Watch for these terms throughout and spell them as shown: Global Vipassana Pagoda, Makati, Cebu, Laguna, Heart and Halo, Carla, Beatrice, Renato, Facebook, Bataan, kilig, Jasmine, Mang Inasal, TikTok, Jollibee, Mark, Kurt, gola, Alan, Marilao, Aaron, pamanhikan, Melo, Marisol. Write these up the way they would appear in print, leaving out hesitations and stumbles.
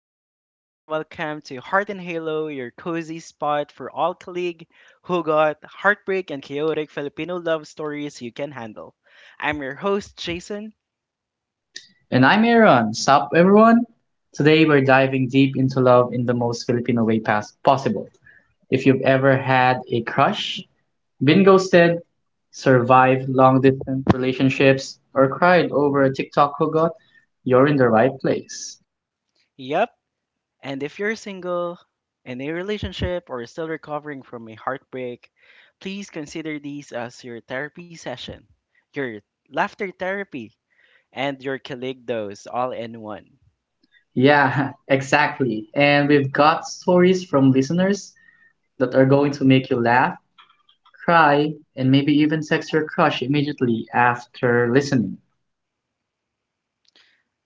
up, everyone? Welcome to Heart and Halo, your cozy spot for all colleague who got heartbreak and chaotic Filipino love stories you can handle. I'm your host, Jason. And I'm Aaron. Sup, everyone? Today we're diving deep into love in the most Filipino way possible. If you've ever had a crush, been ghosted, survived long distance relationships, or cried over a TikTok hookup, you're in the right place. Yep. And if you're single, in a relationship, or still recovering from a heartbreak, please consider these as your therapy session, your laughter therapy, and your colleague dose all in one. Yeah, exactly. And we've got stories from listeners that are going to make you laugh, cry, and maybe even text your crush immediately after listening.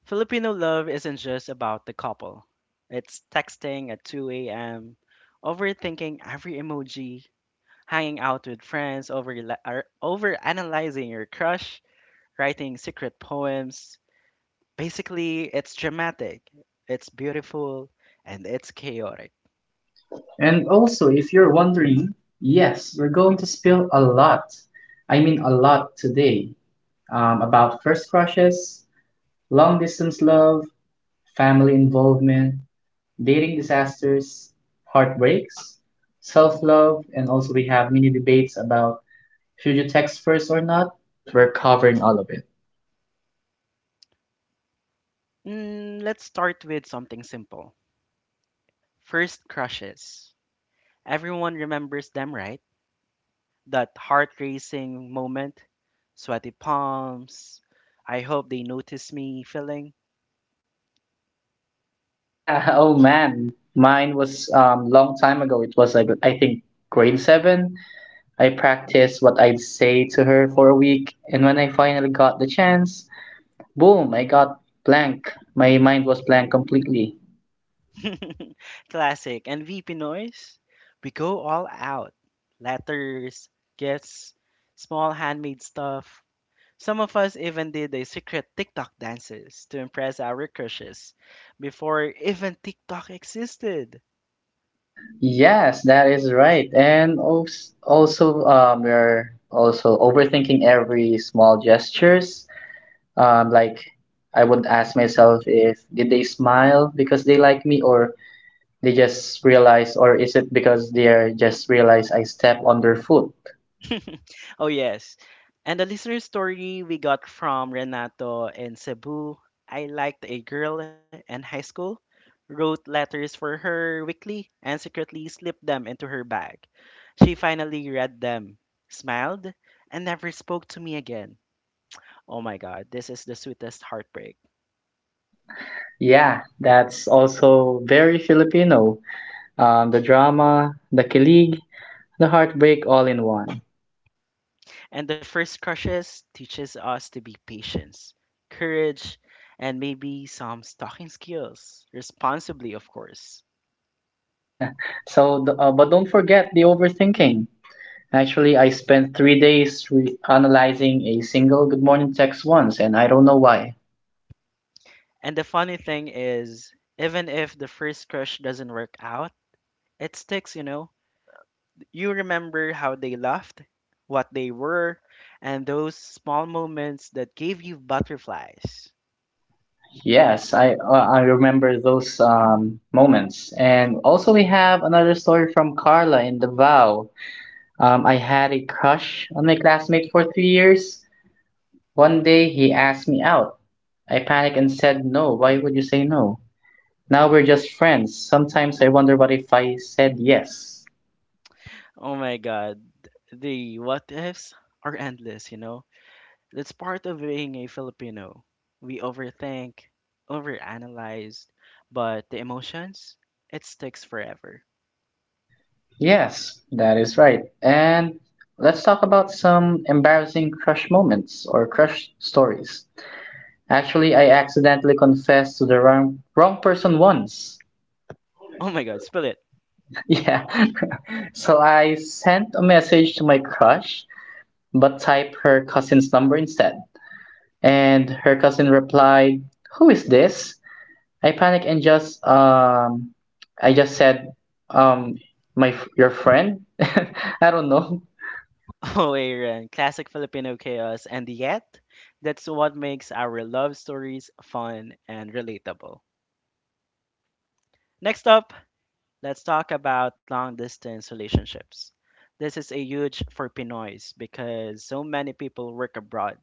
Filipino love isn't just about the couple. It's texting at 2 a.m., overthinking every emoji, hanging out with friends over analyzing your crush, writing secret poems. Basically, it's dramatic, it's beautiful, and it's chaotic. And also, if you're wondering, yes, we're going to spill a lot. I mean, a lot today about first crushes, long distance love, family involvement, dating disasters, heartbreaks, self love, and also we have mini debates about should you text first or not. We're covering all of it. Let's start with something simple. First crushes. Everyone remembers them, right? That heart racing moment, sweaty palms. I hope they notice me feeling. Yeah, oh man. Mine was long time ago. It was like I think grade 7. I practiced what I'd say to her for a week, and when I finally got the chance, boom, I got blank. My mind was blank completely. Classic. And VP Noise, we go all out. Letters, gifts, small handmade stuff. Some of us even did the secret TikTok dances to impress our crushes before even TikTok existed. Yes, that is right. And also, we're also overthinking every small gestures. Like I would ask myself if did they smile because they like me or they just realize, or is it because they are just realize I step on their foot? Oh, yes. And the listener story we got from Renato in Cebu, I liked a girl in high school, wrote letters for her weekly, and secretly slipped them into her bag. She finally read them, smiled, and never spoke to me again. Oh my god, this is the sweetest heartbreak. Yeah, that's also very Filipino. The drama, the kilig, the heartbreak all in one. And the first crushes teaches us to be patience, courage, and maybe some stalking skills. Responsibly, of course. Yeah, but don't forget the overthinking. Actually, I spent 3 days analyzing a single good morning text once, and I don't know why. And the funny thing is, even if the first crush doesn't work out, it sticks, you know. You remember how they laughed, what they were, and those small moments that gave you butterflies. Yes, I remember those moments. And also, we have another story from Carla in Davao. I had a crush on my classmate for 3 years. One day, he asked me out. I panicked and said no. Why would you say no? Now we're just friends. Sometimes I wonder what if I said yes. Oh my god, the what ifs are endless, you know. That's part of being a Filipino. We overthink, overanalyze, but the emotions, it sticks forever. Yes, that is right. And let's talk about some embarrassing crush moments or crush stories. Actually, I accidentally confessed to the wrong person once. Oh my god, spill it. Yeah. So I sent a message to my crush, but typed her cousin's number instead. And her cousin replied, "Who is this?" I panicked and just I just said um my your friend. I don't know. Oh, Aaron, classic Filipino chaos, and yet, that's what makes our love stories fun and relatable. Next up, let's talk about long distance relationships. This is a huge for Pinoys because so many people work abroad,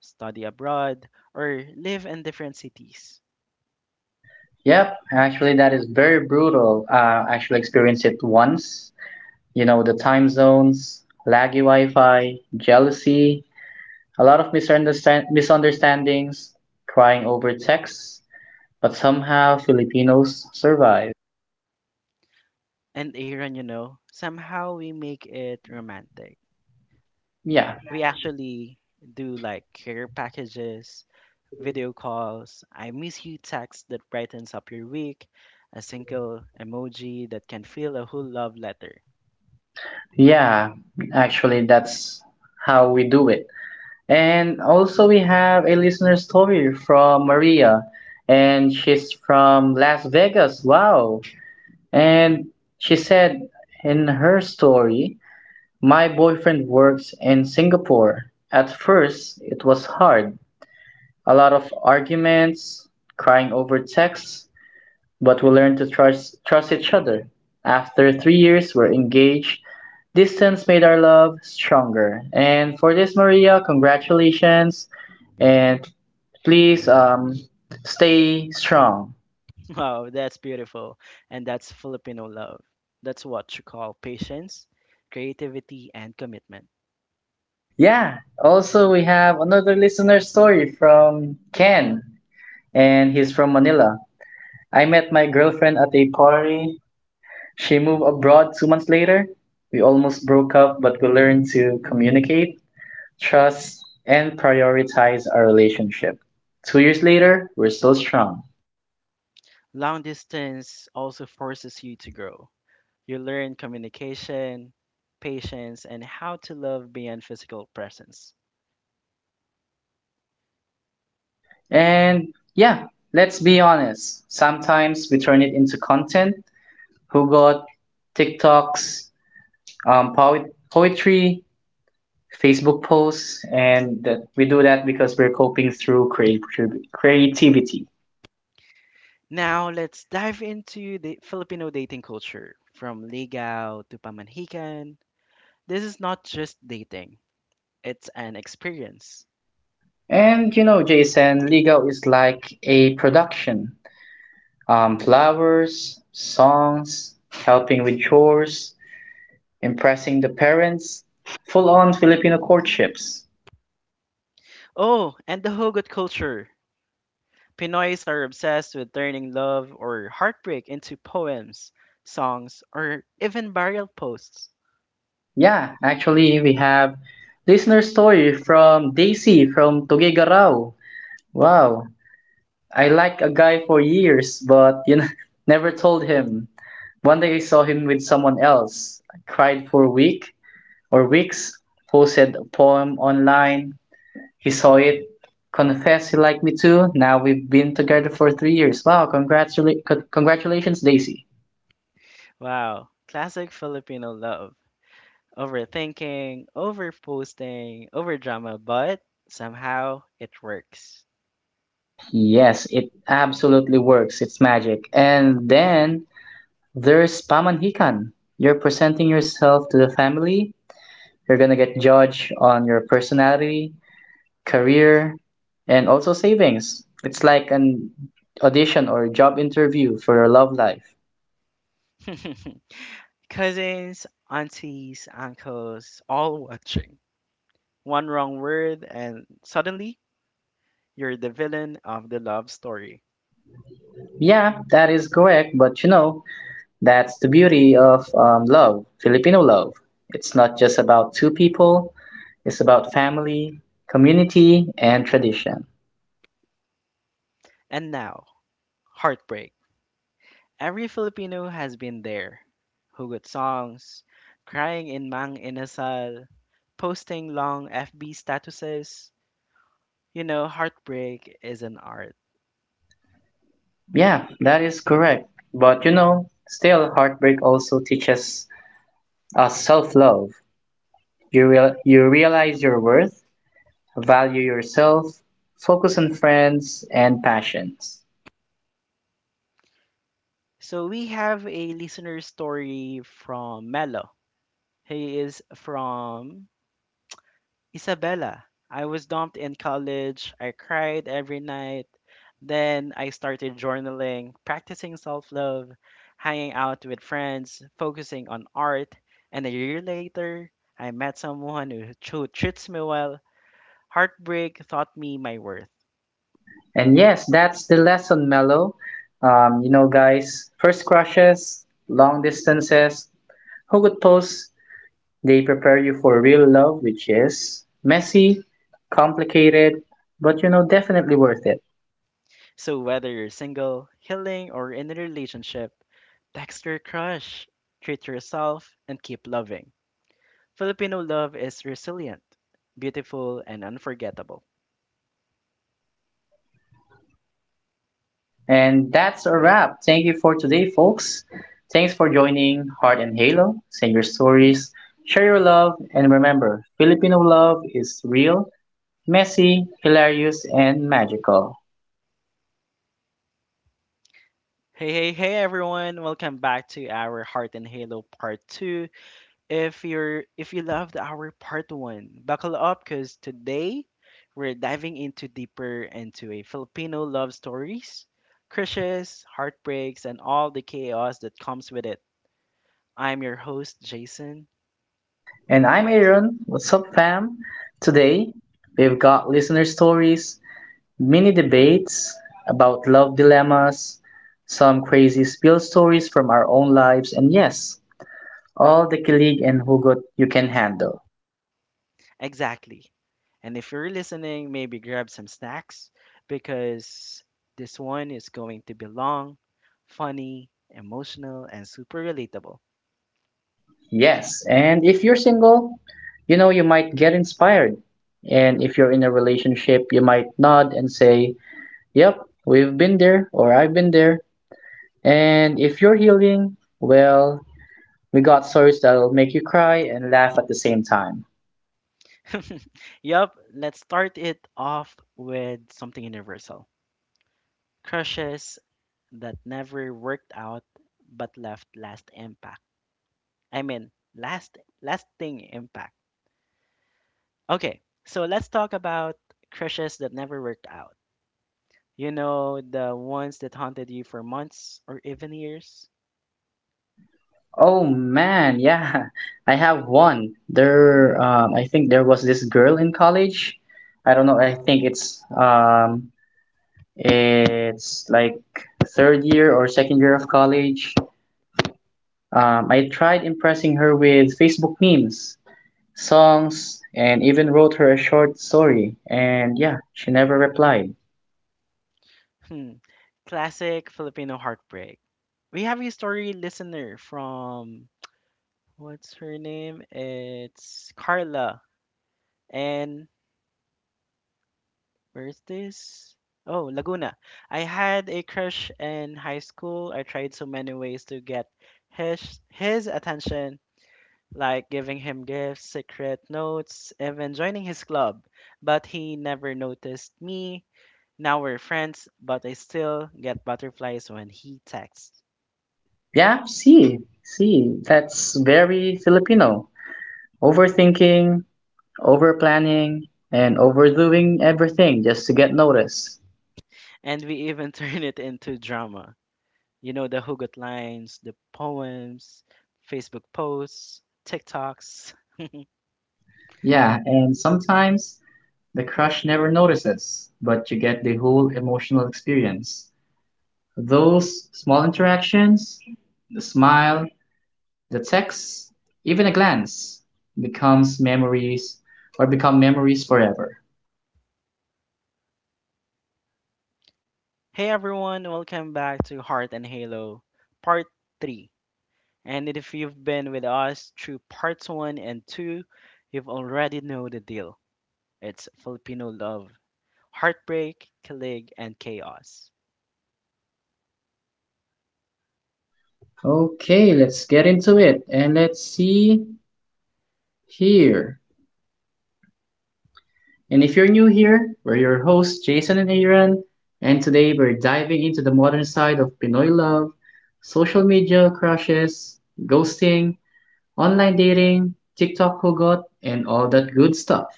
study abroad, or live in different cities. Yep, actually that is very brutal. I actually experienced it once. You know the time zones, laggy Wi-Fi, jealousy, a lot of misunderstandings, crying over texts, but somehow Filipinos survive. And Aaron, you know, somehow we make it romantic. Yeah, We actually do like care packages, video calls, I miss you text that brightens up your week, a single emoji that can feel a whole love letter. yeah. Actually, that's how we do it. And also, we have a listener story from Maria, and she's from Las Vegas. Wow. And she said in her story, "My boyfriend works in Singapore. At first, it was hard. A lot of arguments, crying over texts, but we learned to trust each other. After 3 years, we're engaged. Distance made our love stronger." And for this, Maria, congratulations and please, stay strong. Wow, that's beautiful. And that's Filipino love. That's what you call patience, creativity, and commitment. Yeah. Also, we have another listener story from Ken, and he's from Manila. I met my girlfriend at a party. She moved abroad 2 months later. We almost broke up, but we learned to communicate, trust, and prioritize our relationship. 2 years later, we're still strong. Long distance also forces you to grow. You learn communication, patience, and how to love beyond physical presence. And yeah, let's be honest. Sometimes we turn it into content. Who got TikToks, poetry, Facebook posts, and that we do that because we're coping through creativity. Now, let's dive into the Filipino dating culture from Ligao to Pamanhikan. This is not just dating, it's an experience. And you know, Jason, Ligaw is like a production. Flowers, songs, helping with chores, impressing the parents, full on Filipino courtships. Oh, and the hugot culture. Pinoys are obsessed with turning love or heartbreak into poems, songs, or even burial posts. Yeah, actually, we have listener story from Daisy from Tugigarao. Wow, I liked a guy for years, but you know, never told him. One day I saw him with someone else. I cried for a week or weeks, posted a poem online. He saw it, confessed he liked me too. Now we've been together for 3 years. Wow, congratulations, Daisy. Wow, classic Filipino love. Overthinking, overposting, overdrama, but somehow it works. Yes, it absolutely works. It's magic. And then there's pamanhikan. You're presenting yourself to the family. You're gonna get judged on your personality, career, and also savings. It's like an audition or job interview for your love life. Cousins, aunties, uncles, all watching. One wrong word, and suddenly you're the villain of the love story. Yeah, that is correct, but you know, that's the beauty of love, Filipino love. It's not just about two people, it's about family, community, and tradition. And now, heartbreak. Every Filipino has been there. Hugot songs, crying in Mang Inasal, posting long FB statuses. You know, heartbreak is an art. Yeah, that is correct. But you know, still, heartbreak also teaches us self love. You realize your worth, value yourself, focus on friends and passions. So we have a listener story from Melo. He is from Isabella. I was dumped in college. I cried every night. Then I started journaling, practicing self love, hanging out with friends, focusing on art. And a year later, I met someone who treats me well. Heartbreak taught me my worth. And yes, that's the lesson, Mellow. You know, guys, first crushes, long distances, who could they prepare you for real love, which is messy, complicated, but you know, definitely worth it. So whether you're single, healing, or in a relationship, text your crush, treat yourself, and keep loving. Filipino love is resilient, beautiful, and unforgettable. And that's a wrap. Thank you for today, folks. Thanks for joining Heart and Halo. Send your stories, share your love, and remember Filipino love is real, messy, hilarious, and magical. Hey, hey, hey everyone. Welcome back to our Heart and Halo part 2. If you loved our part 1, buckle up cuz today we're diving into deeper into a Filipino love stories, crushes, heartbreaks and all the chaos that comes with it. I'm your host Jason. And I'm Aaron. What's up, fam? Today, we've got listener stories, mini debates about love dilemmas, some crazy spill stories from our own lives, and yes, all the kilig and hugot you can handle. Exactly. And if you're listening, maybe grab some snacks because this one is going to be long, funny, emotional and super relatable. Yes, and if you're single, you know you might get inspired. And if you're in a relationship, you might nod and say, "Yep, we've been there," or "I've been there." And if you're healing, well, we got stories that'll make you cry and laugh at the same time. Yup, let's start it off with something universal. Crushes that never worked out but left last impact. I mean, last lasting impact. Okay, so let's talk about crushes that never worked out. You know, the ones that haunted you for months or even years. Oh man, yeah, I have one. I think there was this girl in college. I don't know. I think it's like third year or second year of college. I tried impressing her with Facebook memes, songs, and even wrote her a short story. And yeah, she never replied. Hmm. Classic Filipino heartbreak. We have a story listener from, what's her name? It's Carla. And where's this? Oh, Laguna. I had a crush in high school. I tried so many ways to get his attention, like giving him gifts, secret notes, even joining his club. But he never noticed me. Now we're friends, but I still get butterflies when he texts. Yeah, that's very Filipino. Overthinking, overplanning, and overdoing everything just to get noticed. And we even turn it into drama. You know, the hugot lines, the poems, Facebook posts, TikToks. Yeah, and sometimes the crush never notices, but you get the whole emotional experience. Those small interactions, the smile, the text, even a glance becomes memories or become memories forever. Hey everyone, welcome back to Heart and Halo Part 3. And if you've been with us through Parts 1 and 2, you've already know the deal. It's Filipino love, heartbreak, kilig, and chaos. Okay, let's get into it and let's see here. And if you're new here, we're your hosts, Jason and Aaron, and today we're diving into the modern side of Pinoy love, social media crushes, ghosting, online dating, TikTok hugot, and all that good stuff.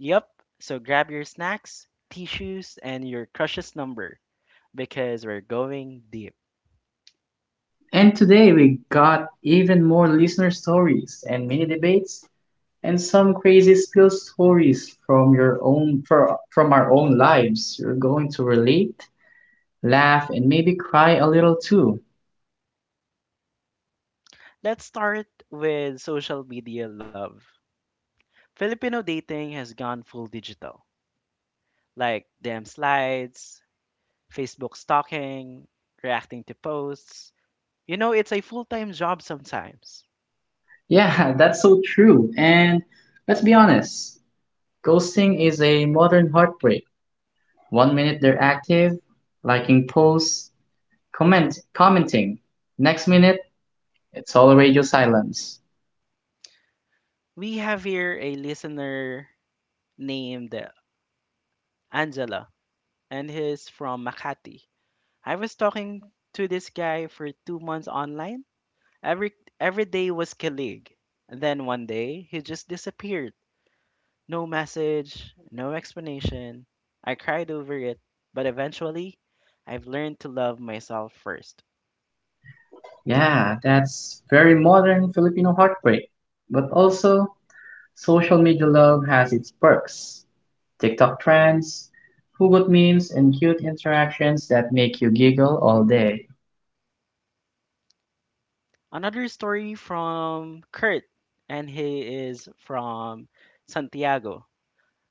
Yep, so grab your snacks, tissues, and your crush's number because we're going deep. And today we got even more listener stories and mini debates and some crazy spill stories from from our own lives. You're going to relate, laugh, and maybe cry a little too. Let's start with social media love. Filipino dating has gone full digital, like damn slides, Facebook stalking, reacting to posts. You know, it's a full time job sometimes. Yeah, that's so true. And let's be honest, ghosting is a modern heartbreak. One minute they're active, liking posts, commenting. Next minute, it's all radio silence. We have here a listener named Angela, and he's from Makati. I was talking to this guy for 2 months online. Every every day was kilig. And then one day he just disappeared. No message, no explanation. I cried over it, but eventually I've learned to love myself first. Yeah, that's very modern Filipino heartbreak. But also, social media love has its perks. TikTok trends, hugot memes, and cute interactions that make you giggle all day. Another story from Kurt, and he is from Santiago.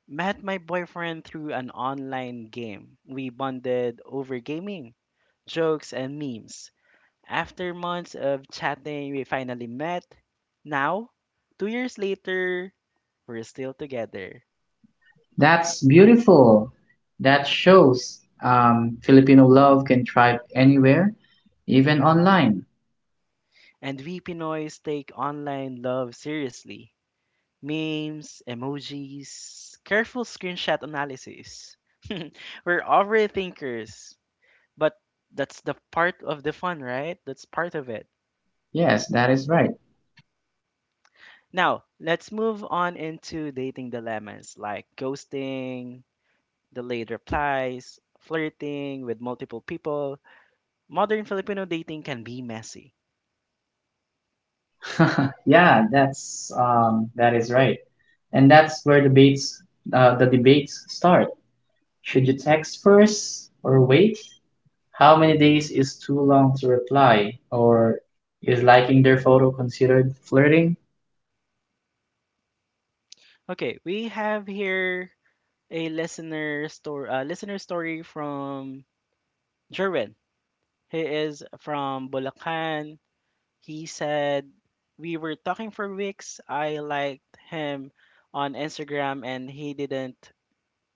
Met my boyfriend through an online game. We bonded over gaming, jokes, and memes. After months of chatting, we finally met. Now, 2 years later, we're still together. That's beautiful. That shows Filipino love can thrive anywhere, even online. And we Pinoys take online love seriously. Memes, emojis, careful screenshot analysis. We're overthinkers, but that's the part of the fun, right? That's part of it. Yes, that is right. Now, let's move on into dating dilemmas like ghosting, delayed replies, flirting with multiple people. Modern Filipino dating can be messy. Yeah, that is right, and that's where debates the debates start. Should you text first or wait? How many days is too long to reply? Or is liking their photo considered flirting? Okay, we have here a listener story from Jerwin. He is from Bulacan. He said, "We were talking for weeks. I liked him on Instagram and he didn't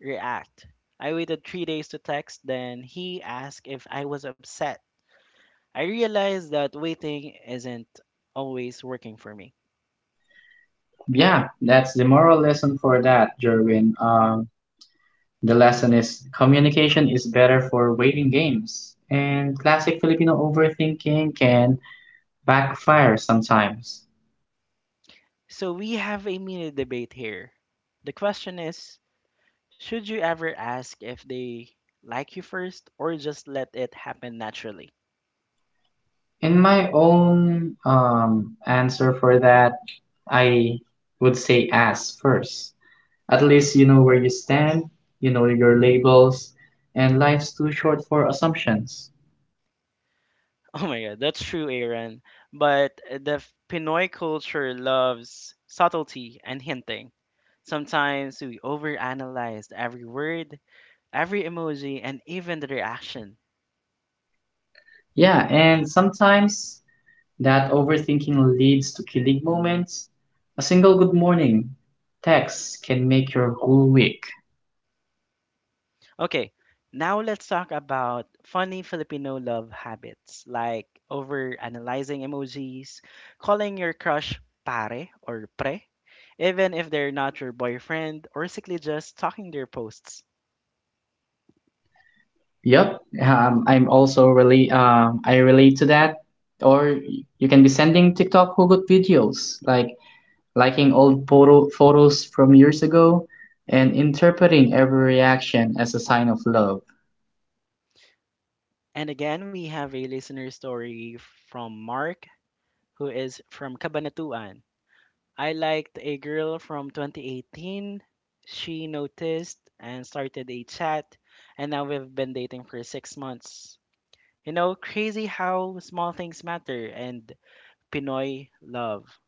react. I waited 3 days to text, then he asked if I was upset. I realized that waiting isn't always working for me." Yeah, that's the moral lesson for that, Jerwin. The lesson is communication is better for waiting games, and classic Filipino overthinking can backfire sometimes. So we have a mini debate here. The question is, should you ever ask if they like you first or just let it happen naturally? In my own answer for that, I would say ask first. At least you know where you stand, you know your labels, and life's too short for assumptions. Oh my god, that's true, Aaron. But the Pinoy culture loves subtlety and hinting. Sometimes we overanalyze every word, every emoji, and even the reaction. Yeah, and sometimes that overthinking leads to killing moments. A single good morning text can make your whole week. Okay, now let's talk about funny Filipino love habits like over analyzing emojis, calling your crush pare or pre, even if they're not your boyfriend, or simply just talking their posts. Yep, I'm also really I relate to that. Or you can be sending TikTok Hugot videos, like liking old photo photos from years ago, and interpreting every reaction as a sign of love. And again, we have a listener story from Mark, who is from Cabanatuan. I liked a girl from 2018. She noticed and started a chat, and now we've been dating for 6 months. You know, crazy how small things matter and Pinoy love.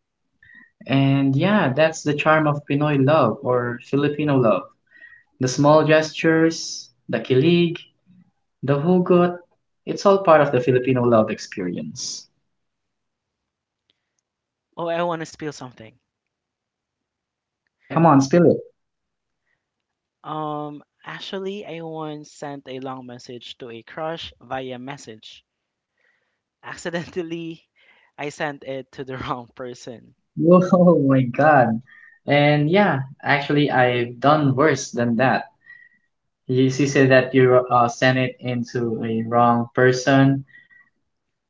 And yeah, that's the charm of Pinoy love or Filipino love. The small gestures, the kilig, the hugot, it's all part of the Filipino love experience. Oh, I want to spill something. Oh yeah, come on, spill it. Actually, I once sent a long message to a crush via message. Accidentally, I sent it to the wrong person. Oh my God. And yeah, actually, I've done worse than that. You said that you sent it into a wrong person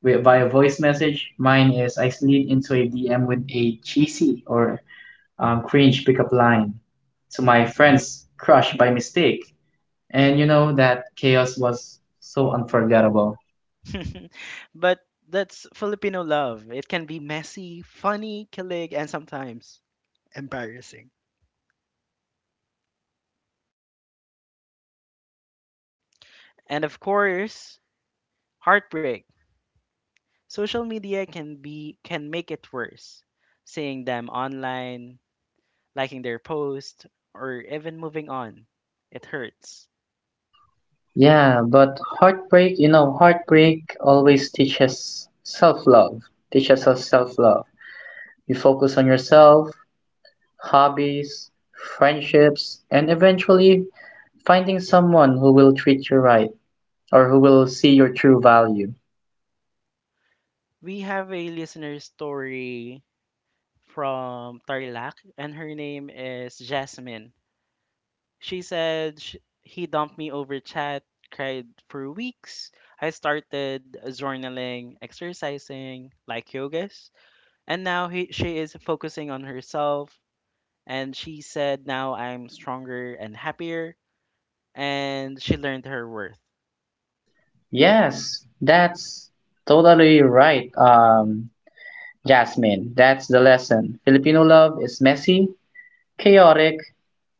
via voice message. Mine is I slid into a DM with a cheesy or cringe pickup line to my friend's crush by mistake. And you know that chaos was so unforgettable. But that's Filipino love. It can be messy, funny, kilig, and sometimes embarrassing. And of course, heartbreak. Social media can make it worse. Seeing them online, liking their post, or even moving on. It hurts. Yeah, but heartbreak, you know, heartbreak always teaches self love, teaches us self love. You focus on yourself, hobbies, friendships, and eventually finding someone who will treat you right or who will see your true value. We have a listener story from Tarlac and her name is Jasmine. She said sh he dumped me over chat, cried for weeks. I started journaling, exercising, like yogas, and now she is focusing on herself. And she said, now I'm stronger and happier, and she learned her worth. Yes, that's totally right, Jasmine. That's the lesson. Filipino love is messy, chaotic,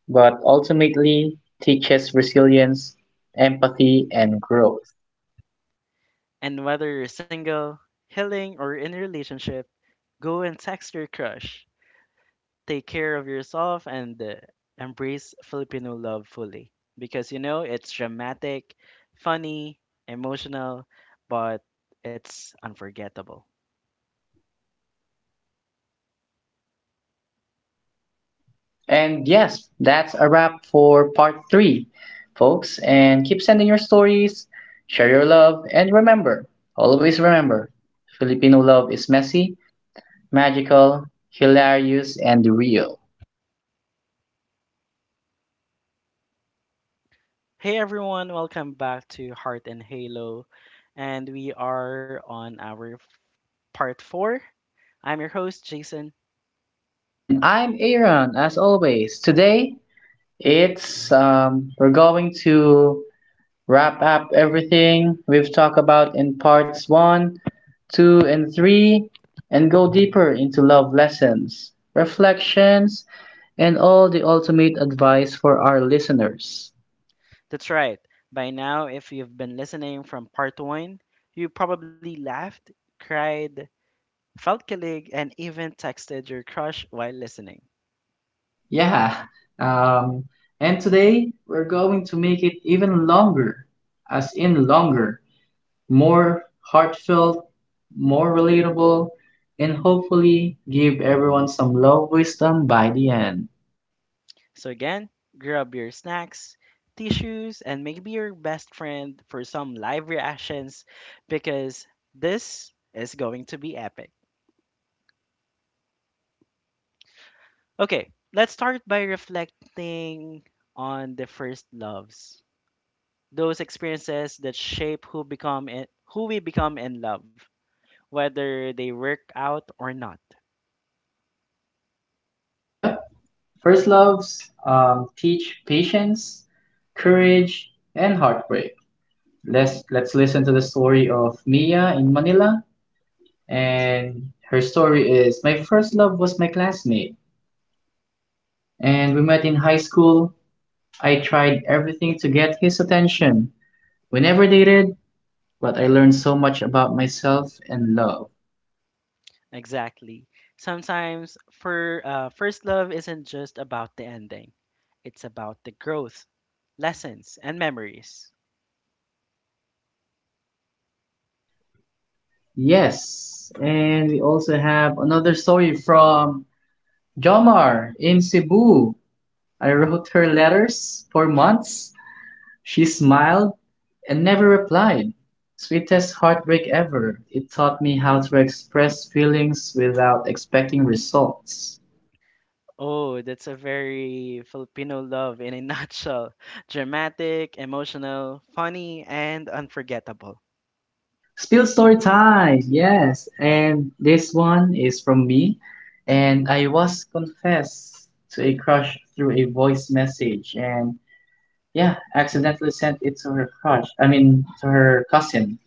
but ultimately teaches resilience, empathy, and growth. And whether you're single, healing, or in a relationship, go and text your crush. Take care of yourself and embrace Filipino love fully because you know it's dramatic, funny, emotional, but it's unforgettable. And yes, that's a wrap for part three, folks. And keep sending your stories, share your love, and remember Filipino love is messy, magical, hilarious, and real. Hey everyone, welcome back to Heart and Halo, and we are on our part 4. I'm your host, Jason. And I'm Aaron, as always. Today, it's we're going to wrap up everything we've talked about in parts one, two, and three, and go deeper into love lessons, reflections, and all the ultimate advice for our listeners. That's right. By now, if you've been listening from part 1, you probably laughed, cried, felt kilig, and even texted your crush while listening. Yeah. Um, and today we're going to make it even longer, as in longer, more heartfelt, more relatable, and hopefully give everyone some love wisdom by the end. So, again, grab your snacks, tissues, and maybe your best friend for some live reactions because this is going to be epic. Okay, let's start by reflecting on the first loves. Those experiences that shape who we become in love, whether they work out or not. Yep. First loves teach patience, courage, and heartbreak. Let's listen to the story of Mia in Manila, and her story is: My first love was my classmate, and we met in high school. I tried everything to get his attention. We never dated, but I learned so much about myself and love. Exactly. Sometimes for first love isn't just about the ending. It's about the growth, lessons and memories. Yes, and we also have another story from Jomar in Cebu. I wrote her letters for months. She smiled and never replied. Sweetest heartbreak ever. It taught me how to express feelings without expecting results. Oh, that's a very Filipino love in a nutshell. Dramatic, emotional, funny, and unforgettable. Spill story time, yes. And this one is from me. And I was confessed to a crush through a voice message. And yeah, accidentally sent it to her crush. I mean, to her cousin.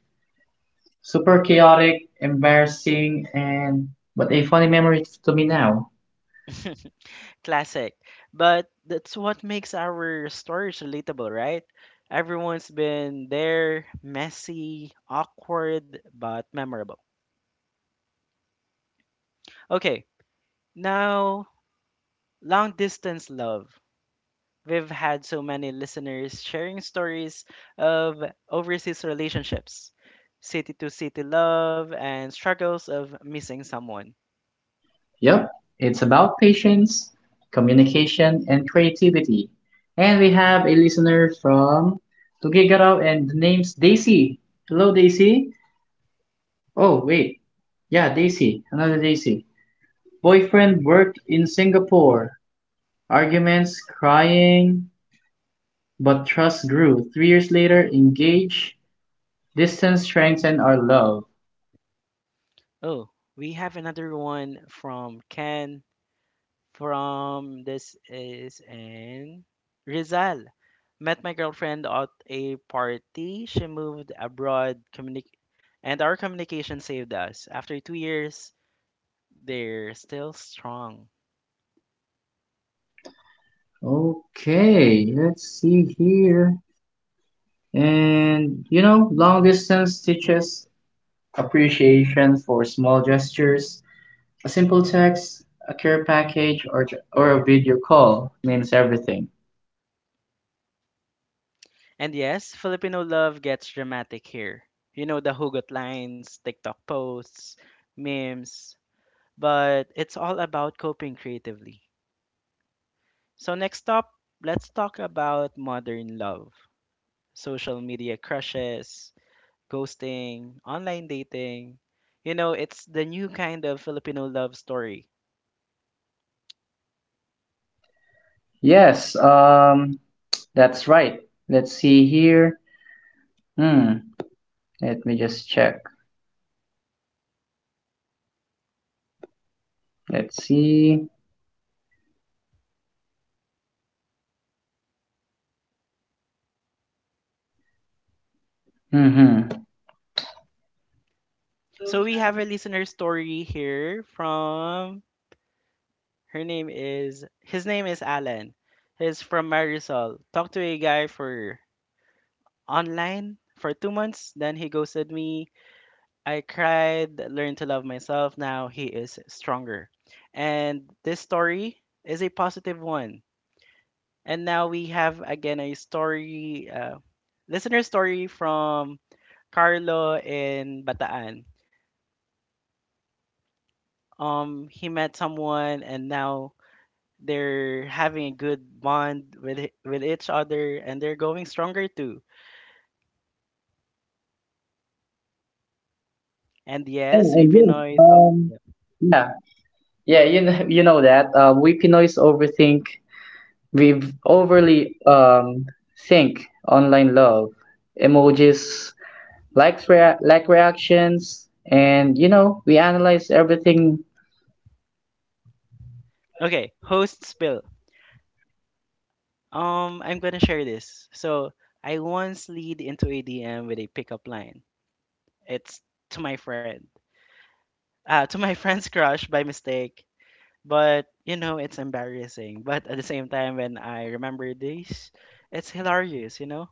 Super chaotic, embarrassing, and but a funny memory to me now. Classic. But that's what makes our stories relatable, right? Everyone's been there, messy, awkward, but memorable. Okay, now long distance love. We've had so many listeners sharing stories of overseas relationships, city to city love, and struggles of missing someone. Yep, it's about patience, communication, and creativity. And we have a listener from Tugigaraw, and the name's Daisy. Hello, Daisy. Oh, wait. Yeah, Daisy. Another Daisy. Boyfriend worked in Singapore. Arguments, crying, but trust grew. 3 years later, engaged. Distance strengthened our love. Oh, we have another one from Ken from, this is in Rizal. Met my girlfriend at a party. She moved abroad, and our communication saved us. After 2 years, they're still strong. Okay, let's see here. And you know, long distance teaches appreciation for small gestures. A simple text, a care package, or a video call means everything. And yes, Filipino love gets dramatic here. You know, the hugot lines, TikTok posts, memes, but it's all about coping creatively. So, next up, let's talk about modern love, social media crushes, ghosting, online dating. You know, it's the new kind of Filipino love story. Yes, that's right. Let's see here. Hmm, let me just check. Let's see. Mm-hmm. So, we have a listener story here from her name is his name is Alan. He's from Marisol. Talk to a guy for online for 2 months. Then he ghosted me. I cried, learned to love myself. Now he is stronger. And this story is a positive one. And now we have again a story, listener story from Carlo in Bataan. He met someone and now they're having a good bond with each other and they're going stronger too. And Yeah, yes, we and yes, Pinoys. Oh, yeah. yeah, yeah, you know that. We Pinoys overthink. We've overly think online love, emojis, likes, like reactions, and you know, we analyze everything. Okay, host spill. I'm gonna share this. So I once lead into a DM with a pickup line. It's to my friend, to my friend's crush by mistake. But you know, it's embarrassing. But at the same time, when I remember this, it's hilarious. You know.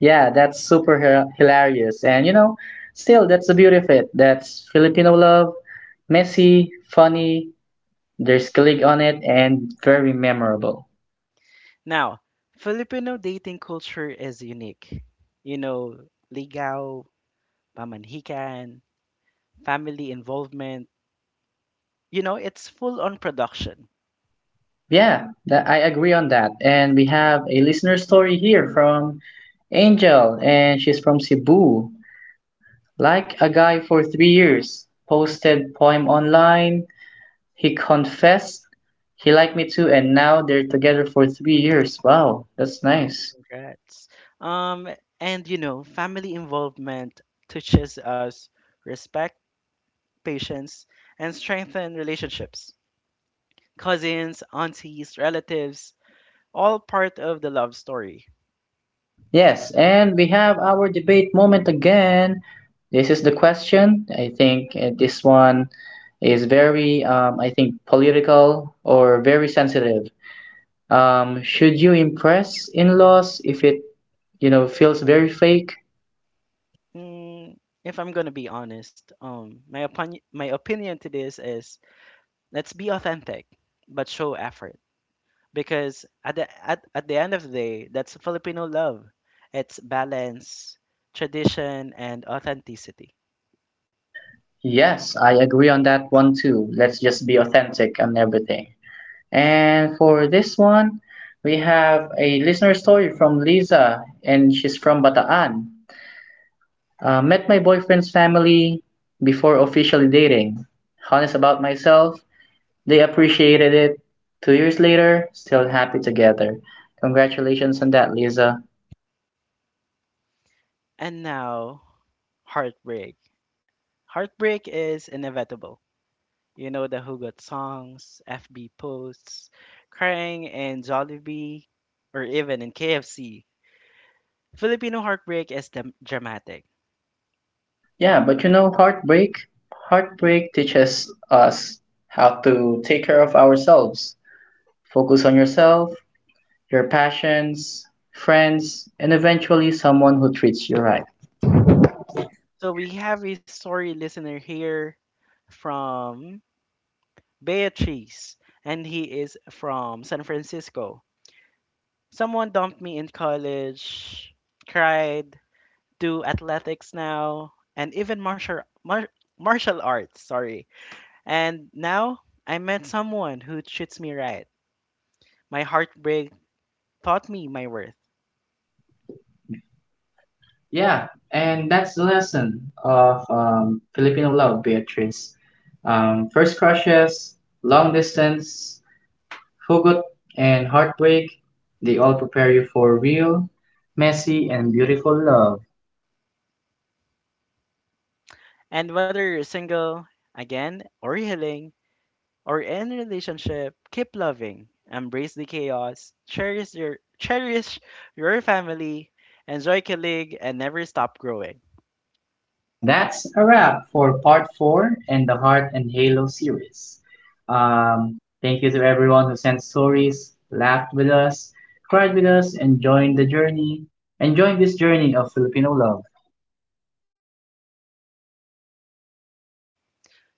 Yeah, that's super hilarious. And you know, still, that's the beauty of it. That's Filipino love, messy, funny, there's click on it, and very memorable. Now, Filipino dating culture is unique. You know, ligaw, pamanhikan, family involvement. You know, it's full on production. Yeah, that, I agree on that. And we have a listener story here from Angel, and she's from Cebu. Like a guy for 3 years, posted poem online. He confessed he liked me too, and now they're together for 3 years. Wow, that's Wow, nice. congrats. Um, and you know, family involvement teaches us respect, patience, and strengthen relationships. Cousins, aunties, relatives, all part of the love story. Yes, and we have our debate moment again. This is the question. I think this one is very, I think, political or very sensitive. Should you impress in-laws if it, you know, feels very fake? Mm, if I'm gonna be honest, my opinion to this is let's be authentic, but show effort. Because at the end of the day, that's Filipino love. It's balance, tradition, and authenticity. Yes, I agree on that one too. Let's just be authentic and everything. And for this one, we have a listener story from Lisa, and she's from Bataan. Met my boyfriend's family before officially dating. Honest about myself, they appreciated it. 2 years later, still happy together. Congratulations on that, Lisa. And now, heartbreak. Heartbreak is inevitable. You know the Who Got songs, FB posts, crying in Jollibee, or even in KFC. Filipino heartbreak is dramatic. Yeah, but you know, heartbreak teaches us how to take care of ourselves. Focus on yourself, your passions, friends, and eventually someone who treats you right. So we have a story listener here from Beatrice, and he is from San Francisco. Someone dumped me in college, cried, do athletics now, and even martial arts, sorry. And now I met someone who treats me right. My heartbreak taught me my worth. Yeah, and that's the lesson of Filipino love, Beatrice. First crushes, long distance, hugot, and heartbreak, they all prepare you for real, messy, and beautiful love. And whether you're single, again, or healing, or in a relationship, keep loving. Embrace the chaos. Cherish your family. Enjoy colleague and never stop growing. And that's a wrap for part four in the Heart and Halo series. Thank you to everyone who sent stories, laughed with us, cried with us, and joined the journey, and joined this journey of Filipino love.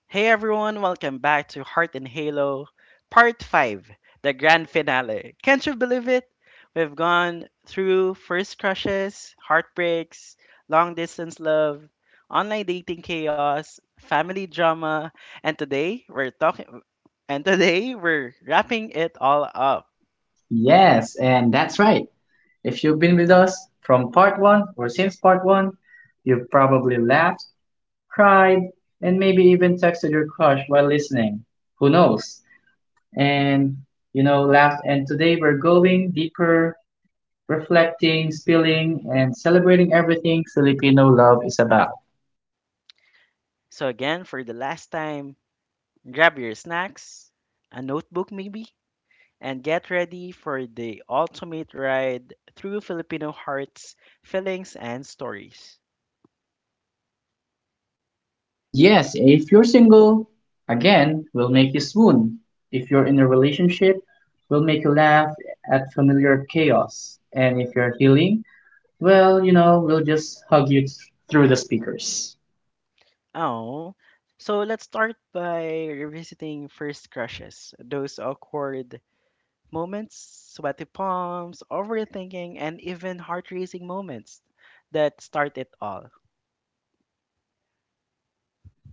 Hey everyone, welcome back to Heart and Halo, Part 5, the grand finale. Can't you believe it? We've gone through first crushes, heartbreaks, long distance love, online dating chaos, family drama, and today we're talking and today we're wrapping it all up. Yes, and that's right. If you've been with us from part one or since part one, you've probably laughed, cried, and maybe even texted your crush while listening. Who knows? And you know, laughed. And today we're going deeper, reflecting, spilling, and celebrating everything Filipino love is about. So again, for the last time, grab your snacks, a notebook maybe, and get ready for the ultimate ride through Filipino hearts, feelings, and stories. And yes, if you're single, again, will make you swoon. If you're in a relationship, will make you laugh at familiar chaos. And if you're healing, well, you know, we'll just hug you through the speakers. Oh, so let's start by revisiting first crushes, those awkward moments, sweaty palms, overthinking, and even heart racing moments that start it all.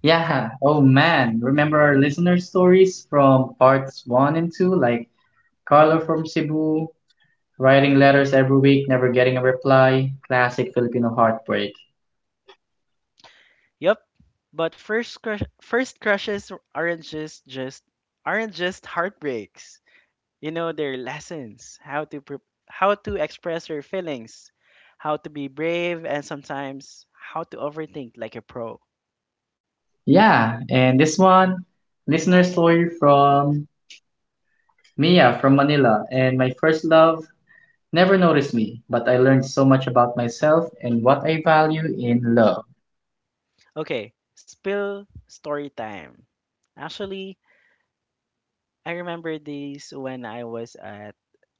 Yeah, oh man, remember our listener stories from parts one and two, like Carlo from Cebu, writing letters every week, never getting a reply, classic Filipino heartbreak. Yup, but first crush, first crushes aren't just aren't just heartbreaks. You know, their lessons, how how to express your feelings, how to be brave, and sometimes how to overthink like a pro. Yeah, and this one, listener story from Mia from Manila, and my first love never noticed me, but I learned so much about myself and what I value in love. Okay, spill story time. Actually, I remember this when I was at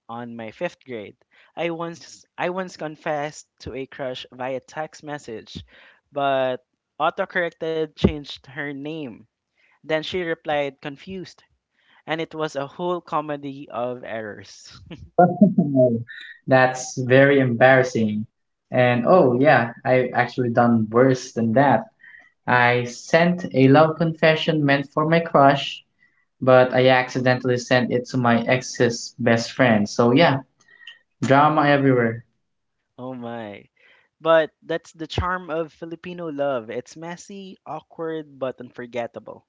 on my fifth grade. I once confessed to a crush via text message, but autocorrected changed her name, then she replied confused, and it was a whole comedy of errors. That's very embarrassing. And oh yeah, I've actually done worse than that. I sent a love confession meant for my crush, but I accidentally sent it to my ex's best friend. So yeah, drama everywhere. Oh my. But that's the charm of Filipino love. It's messy, awkward, but unforgettable.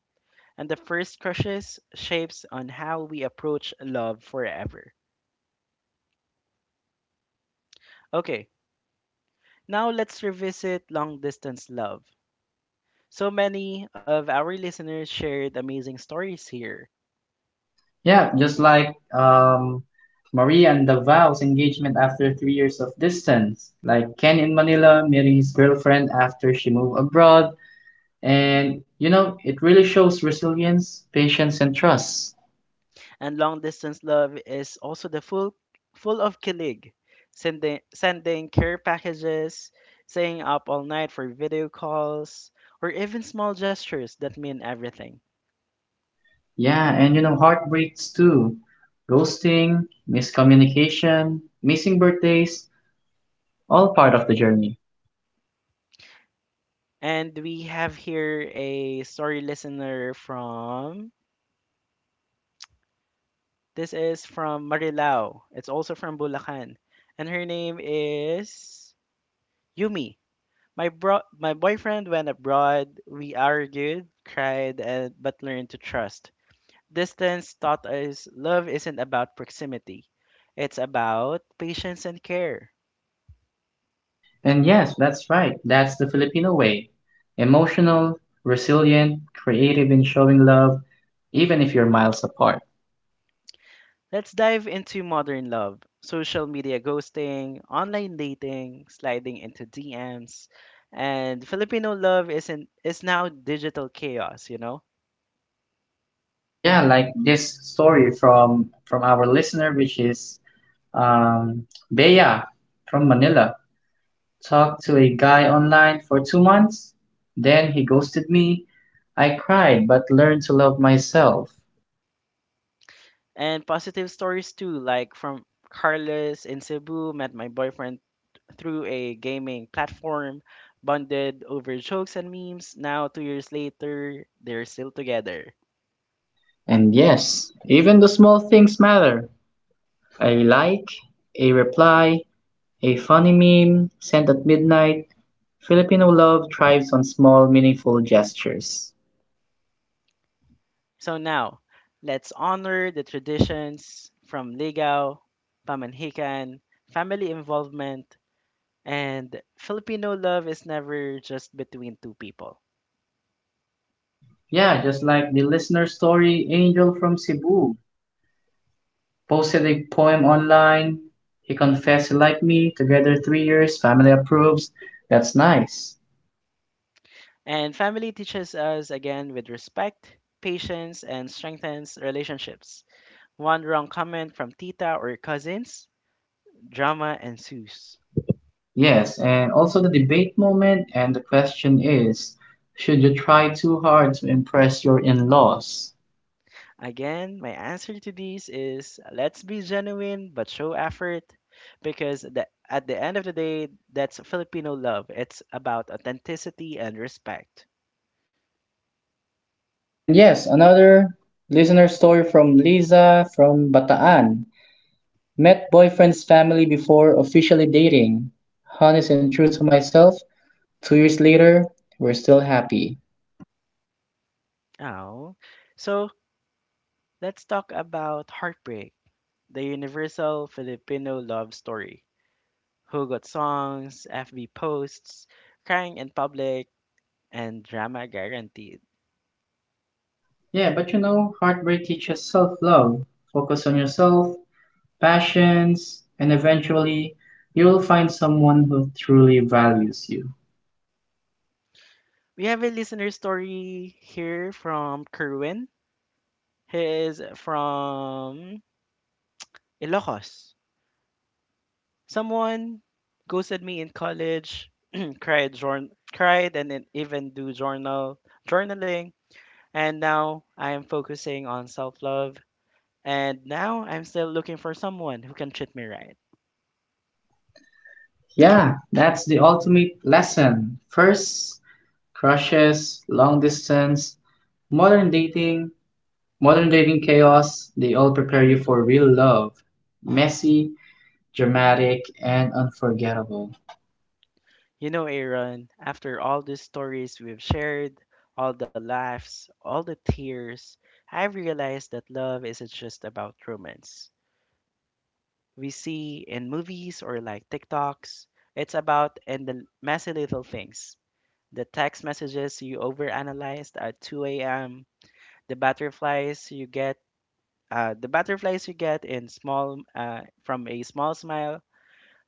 And the first crushes shapes on how we approach love forever. Okay, now let's revisit long distance love. So many of our listeners shared amazing stories here. Yeah, just like Maria and the engagement after 3 years of distance, like Ken in Manila meeting his girlfriend after she moved abroad. And, you know, it really shows resilience, patience, and trust. And long distance love is also the full full of kilig, sending care packages, staying up all night for video calls, or even small gestures that mean everything. Yeah, and, you know, heartbreaks too. Ghosting, miscommunication, missing birthdays, all part of the journey. And we have here a story listener from, this is from Marilao. It's also from Bulacan. And her name is Yumi. My boyfriend went abroad. We argued, cried, and but learned to trust. Distance taught us love isn't about proximity, it's about patience and care. And yes, that's right. That's the Filipino way. Emotional, resilient, creative in showing love, even if you're miles apart. Let's dive into modern love, social media ghosting, online dating, sliding into DMs, and Filipino love isn't is now digital chaos, you know? Yeah, like this story from our listener, which is um, Bea from Manila. Talked to a guy online for 2 months, then he ghosted me. I cried, but learned to love myself. And positive stories too, like from Carlos in Cebu met my boyfriend through a gaming platform, bonded over jokes and memes. Now 2 years later, they're still together. And yes, even the small things matter. A like, a reply, a funny meme sent at midnight, Filipino love thrives on small, meaningful gestures. So now, let's honor the traditions from Ligao, Pamanhikan, family involvement, and Filipino love is never just between two people. Yeah, just like the listener story, Angel from Cebu posted a poem online. He confessed he liked me, together 3 years, family approves. That's nice. And family teaches us again with respect, patience, and strengthens relationships. One wrong comment from tita or cousins, drama ensues. Yes, and also the debate moment, and the question is should you try too hard to impress your in laws? Again, my answer to these is let's be genuine but show effort because at the end of the day, that's Filipino love. It's about authenticity and respect. And yes, another listener story from Liza from Bataan. Met boyfriend's family before officially dating. Honest and true to myself, 2 years later, we're still happy. Oh, so let's talk about heartbreak, the universal Filipino love story. Hugot songs, FB posts, crying in public, and drama guaranteed. Yeah, but you know, heartbreak teaches self love. Focus on yourself, passions, and eventually you'll find someone who truly values you. We have a listener story here from Kerwin. He is from Ilocos. Someone ghosted me in college, cried, and then even do journaling. And now I am focusing on self love. And now I'm still looking for someone who can treat me right. Yeah, that's the ultimate lesson. First, crushes, long distance, modern dating, modern dating chaos, they all prepare you for real love. Messy, dramatic, and unforgettable. You know, Aaron, after all these stories we've shared, all the laughs, all the tears, I've realized that love isn't just about romance. We see in movies or like TikToks, it's about in the messy little things, the text messages you overanalyzed at 2 a.m., the butterflies you get, the butterflies you get in small from a small smile,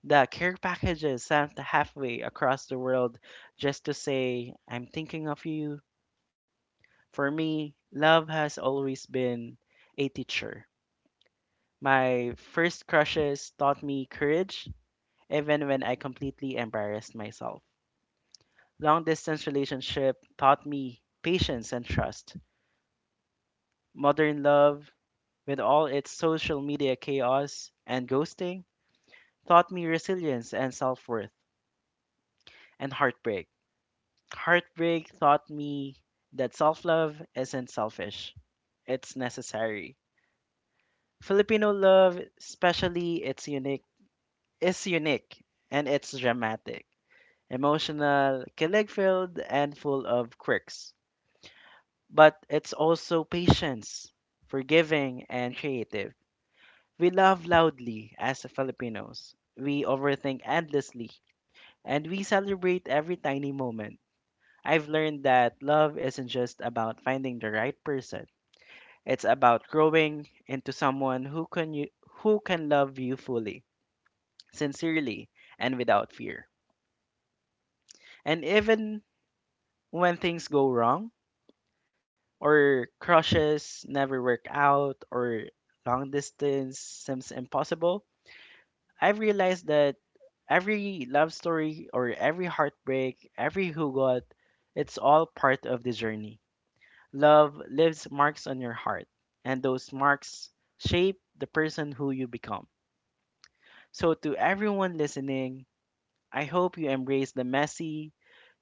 the care packages sent halfway across the world just to say I'm thinking of you. For me, love has always been a teacher. My first crushes taught me courage, even when I completely embarrassed myself. Long distance relationship taught me patience and trust. Modern love, with all its social media chaos and ghosting, taught me resilience and self worth. And heartbreak. Heartbreak taught me that self love isn't selfish, it's necessary. Filipino love, especially, is unique and it's dramatic, emotional, kilig filled, and full of quirks. But it's also patience, forgiving, and creative. We laugh loudly as Filipinos. We overthink endlessly. And we celebrate every tiny moment. I've learned that love isn't just about finding the right person. It's about growing into someone who can love you fully, sincerely, and without fear. And even when things go wrong or crushes never work out or long distance seems impossible, I've realized that every love story or every heartbreak, every who got, it's all part of the journey. Love leaves marks on your heart, and those marks shape the person who you become. So, to everyone listening, I hope you embrace the messy,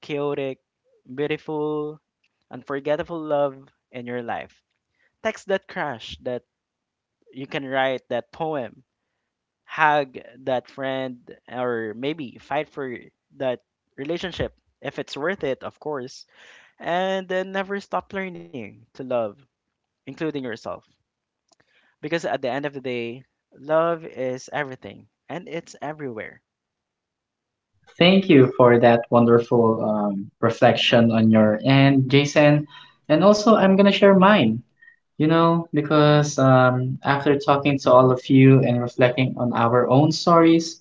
chaotic, beautiful, unforgettable love in your life. Text that crush, that you can write that poem, hug that friend, or maybe fight for that relationship if it's worth it, of course, and then never stop learning to love, including yourself. Because at the end of the day, love is everything and it's everywhere. Thank you for that wonderful reflection on your end, Jason. And also, I'm going to share mine, you know, because after talking to all of you and reflecting on our own stories,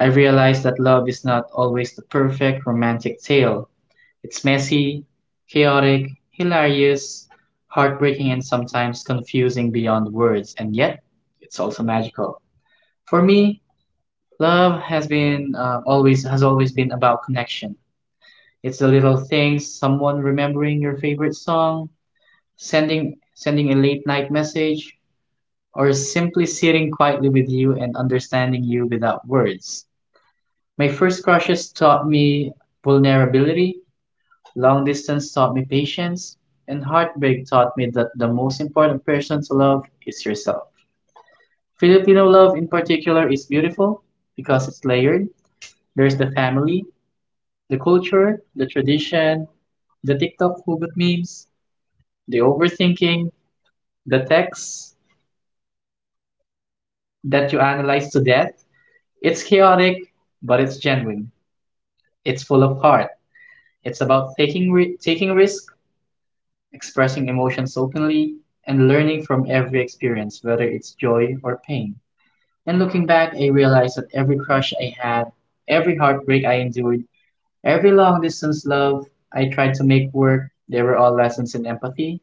I realized that love is not always the perfect romantic tale. It's messy, chaotic, hilarious, heartbreaking, and sometimes confusing beyond words, and yet it's also magical. For me, love has been always been about connection. It's the little things, someone remembering your favorite song, sending a late night message, or simply sitting quietly with you and understanding you without words. My first crushes taught me vulnerability, long distance taught me patience, and heartbreak taught me that the most important person to love is yourself. Filipino love in particular is beautiful because it's layered. There's the family, the culture, the tradition, the TikTok movement memes, the overthinking, the texts that you analyze to death. It's chaotic, but it's genuine. It's full of heart. It's about taking risk, expressing emotions openly, and learning from every experience, whether it's joy or pain. And looking back, I realized that every crush I had, every heartbreak I endured, every long distance love I tried to make work, they were all lessons in empathy,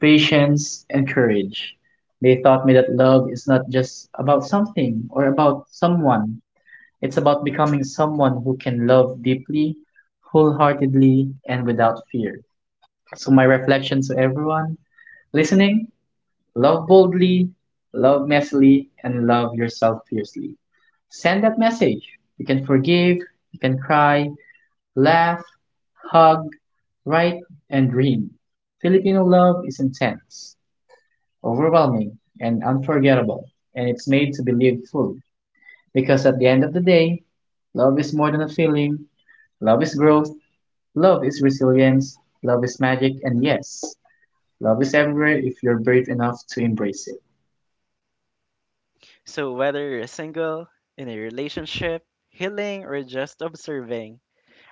patience, and courage. They taught me that love is not just about something or about someone. It's about becoming someone who can love deeply, wholeheartedly, and without fear. So, my reflection to everyone listening: love boldly, love messily, and love yourself fiercely. Send that message. You can forgive, you can cry, laugh, hug, write, and dream. Filipino love is intense, overwhelming, and unforgettable, and it's made to be lived fully. Because at the end of the day, love is more than a feeling, love is growth, love is resilience, love is magic, and yes, love is everywhere if you're brave enough to embrace it. So whether you're single, in a relationship, healing, or just observing,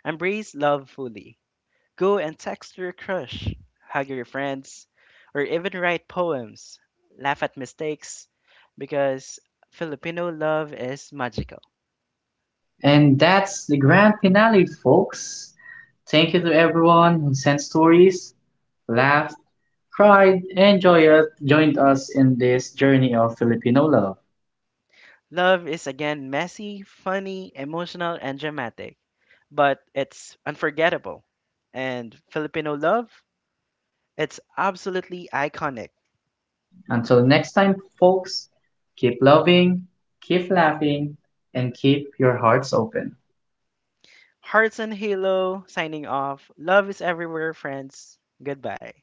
embrace love fully. Go and text your crush, hug your friends, or even write poems. Laugh at mistakes because Filipino love is magical. And that's the grand finale, folks. Thank you to everyone who sent stories, laughed, cried, and joined us in this journey of Filipino love. Love is again messy, funny, emotional, and dramatic, but it's unforgettable. And Filipino love, it's absolutely iconic. Until next time, folks, keep loving, keep laughing, and keep your hearts open. Hearts and Halo signing off. Love is everywhere, friends. Goodbye.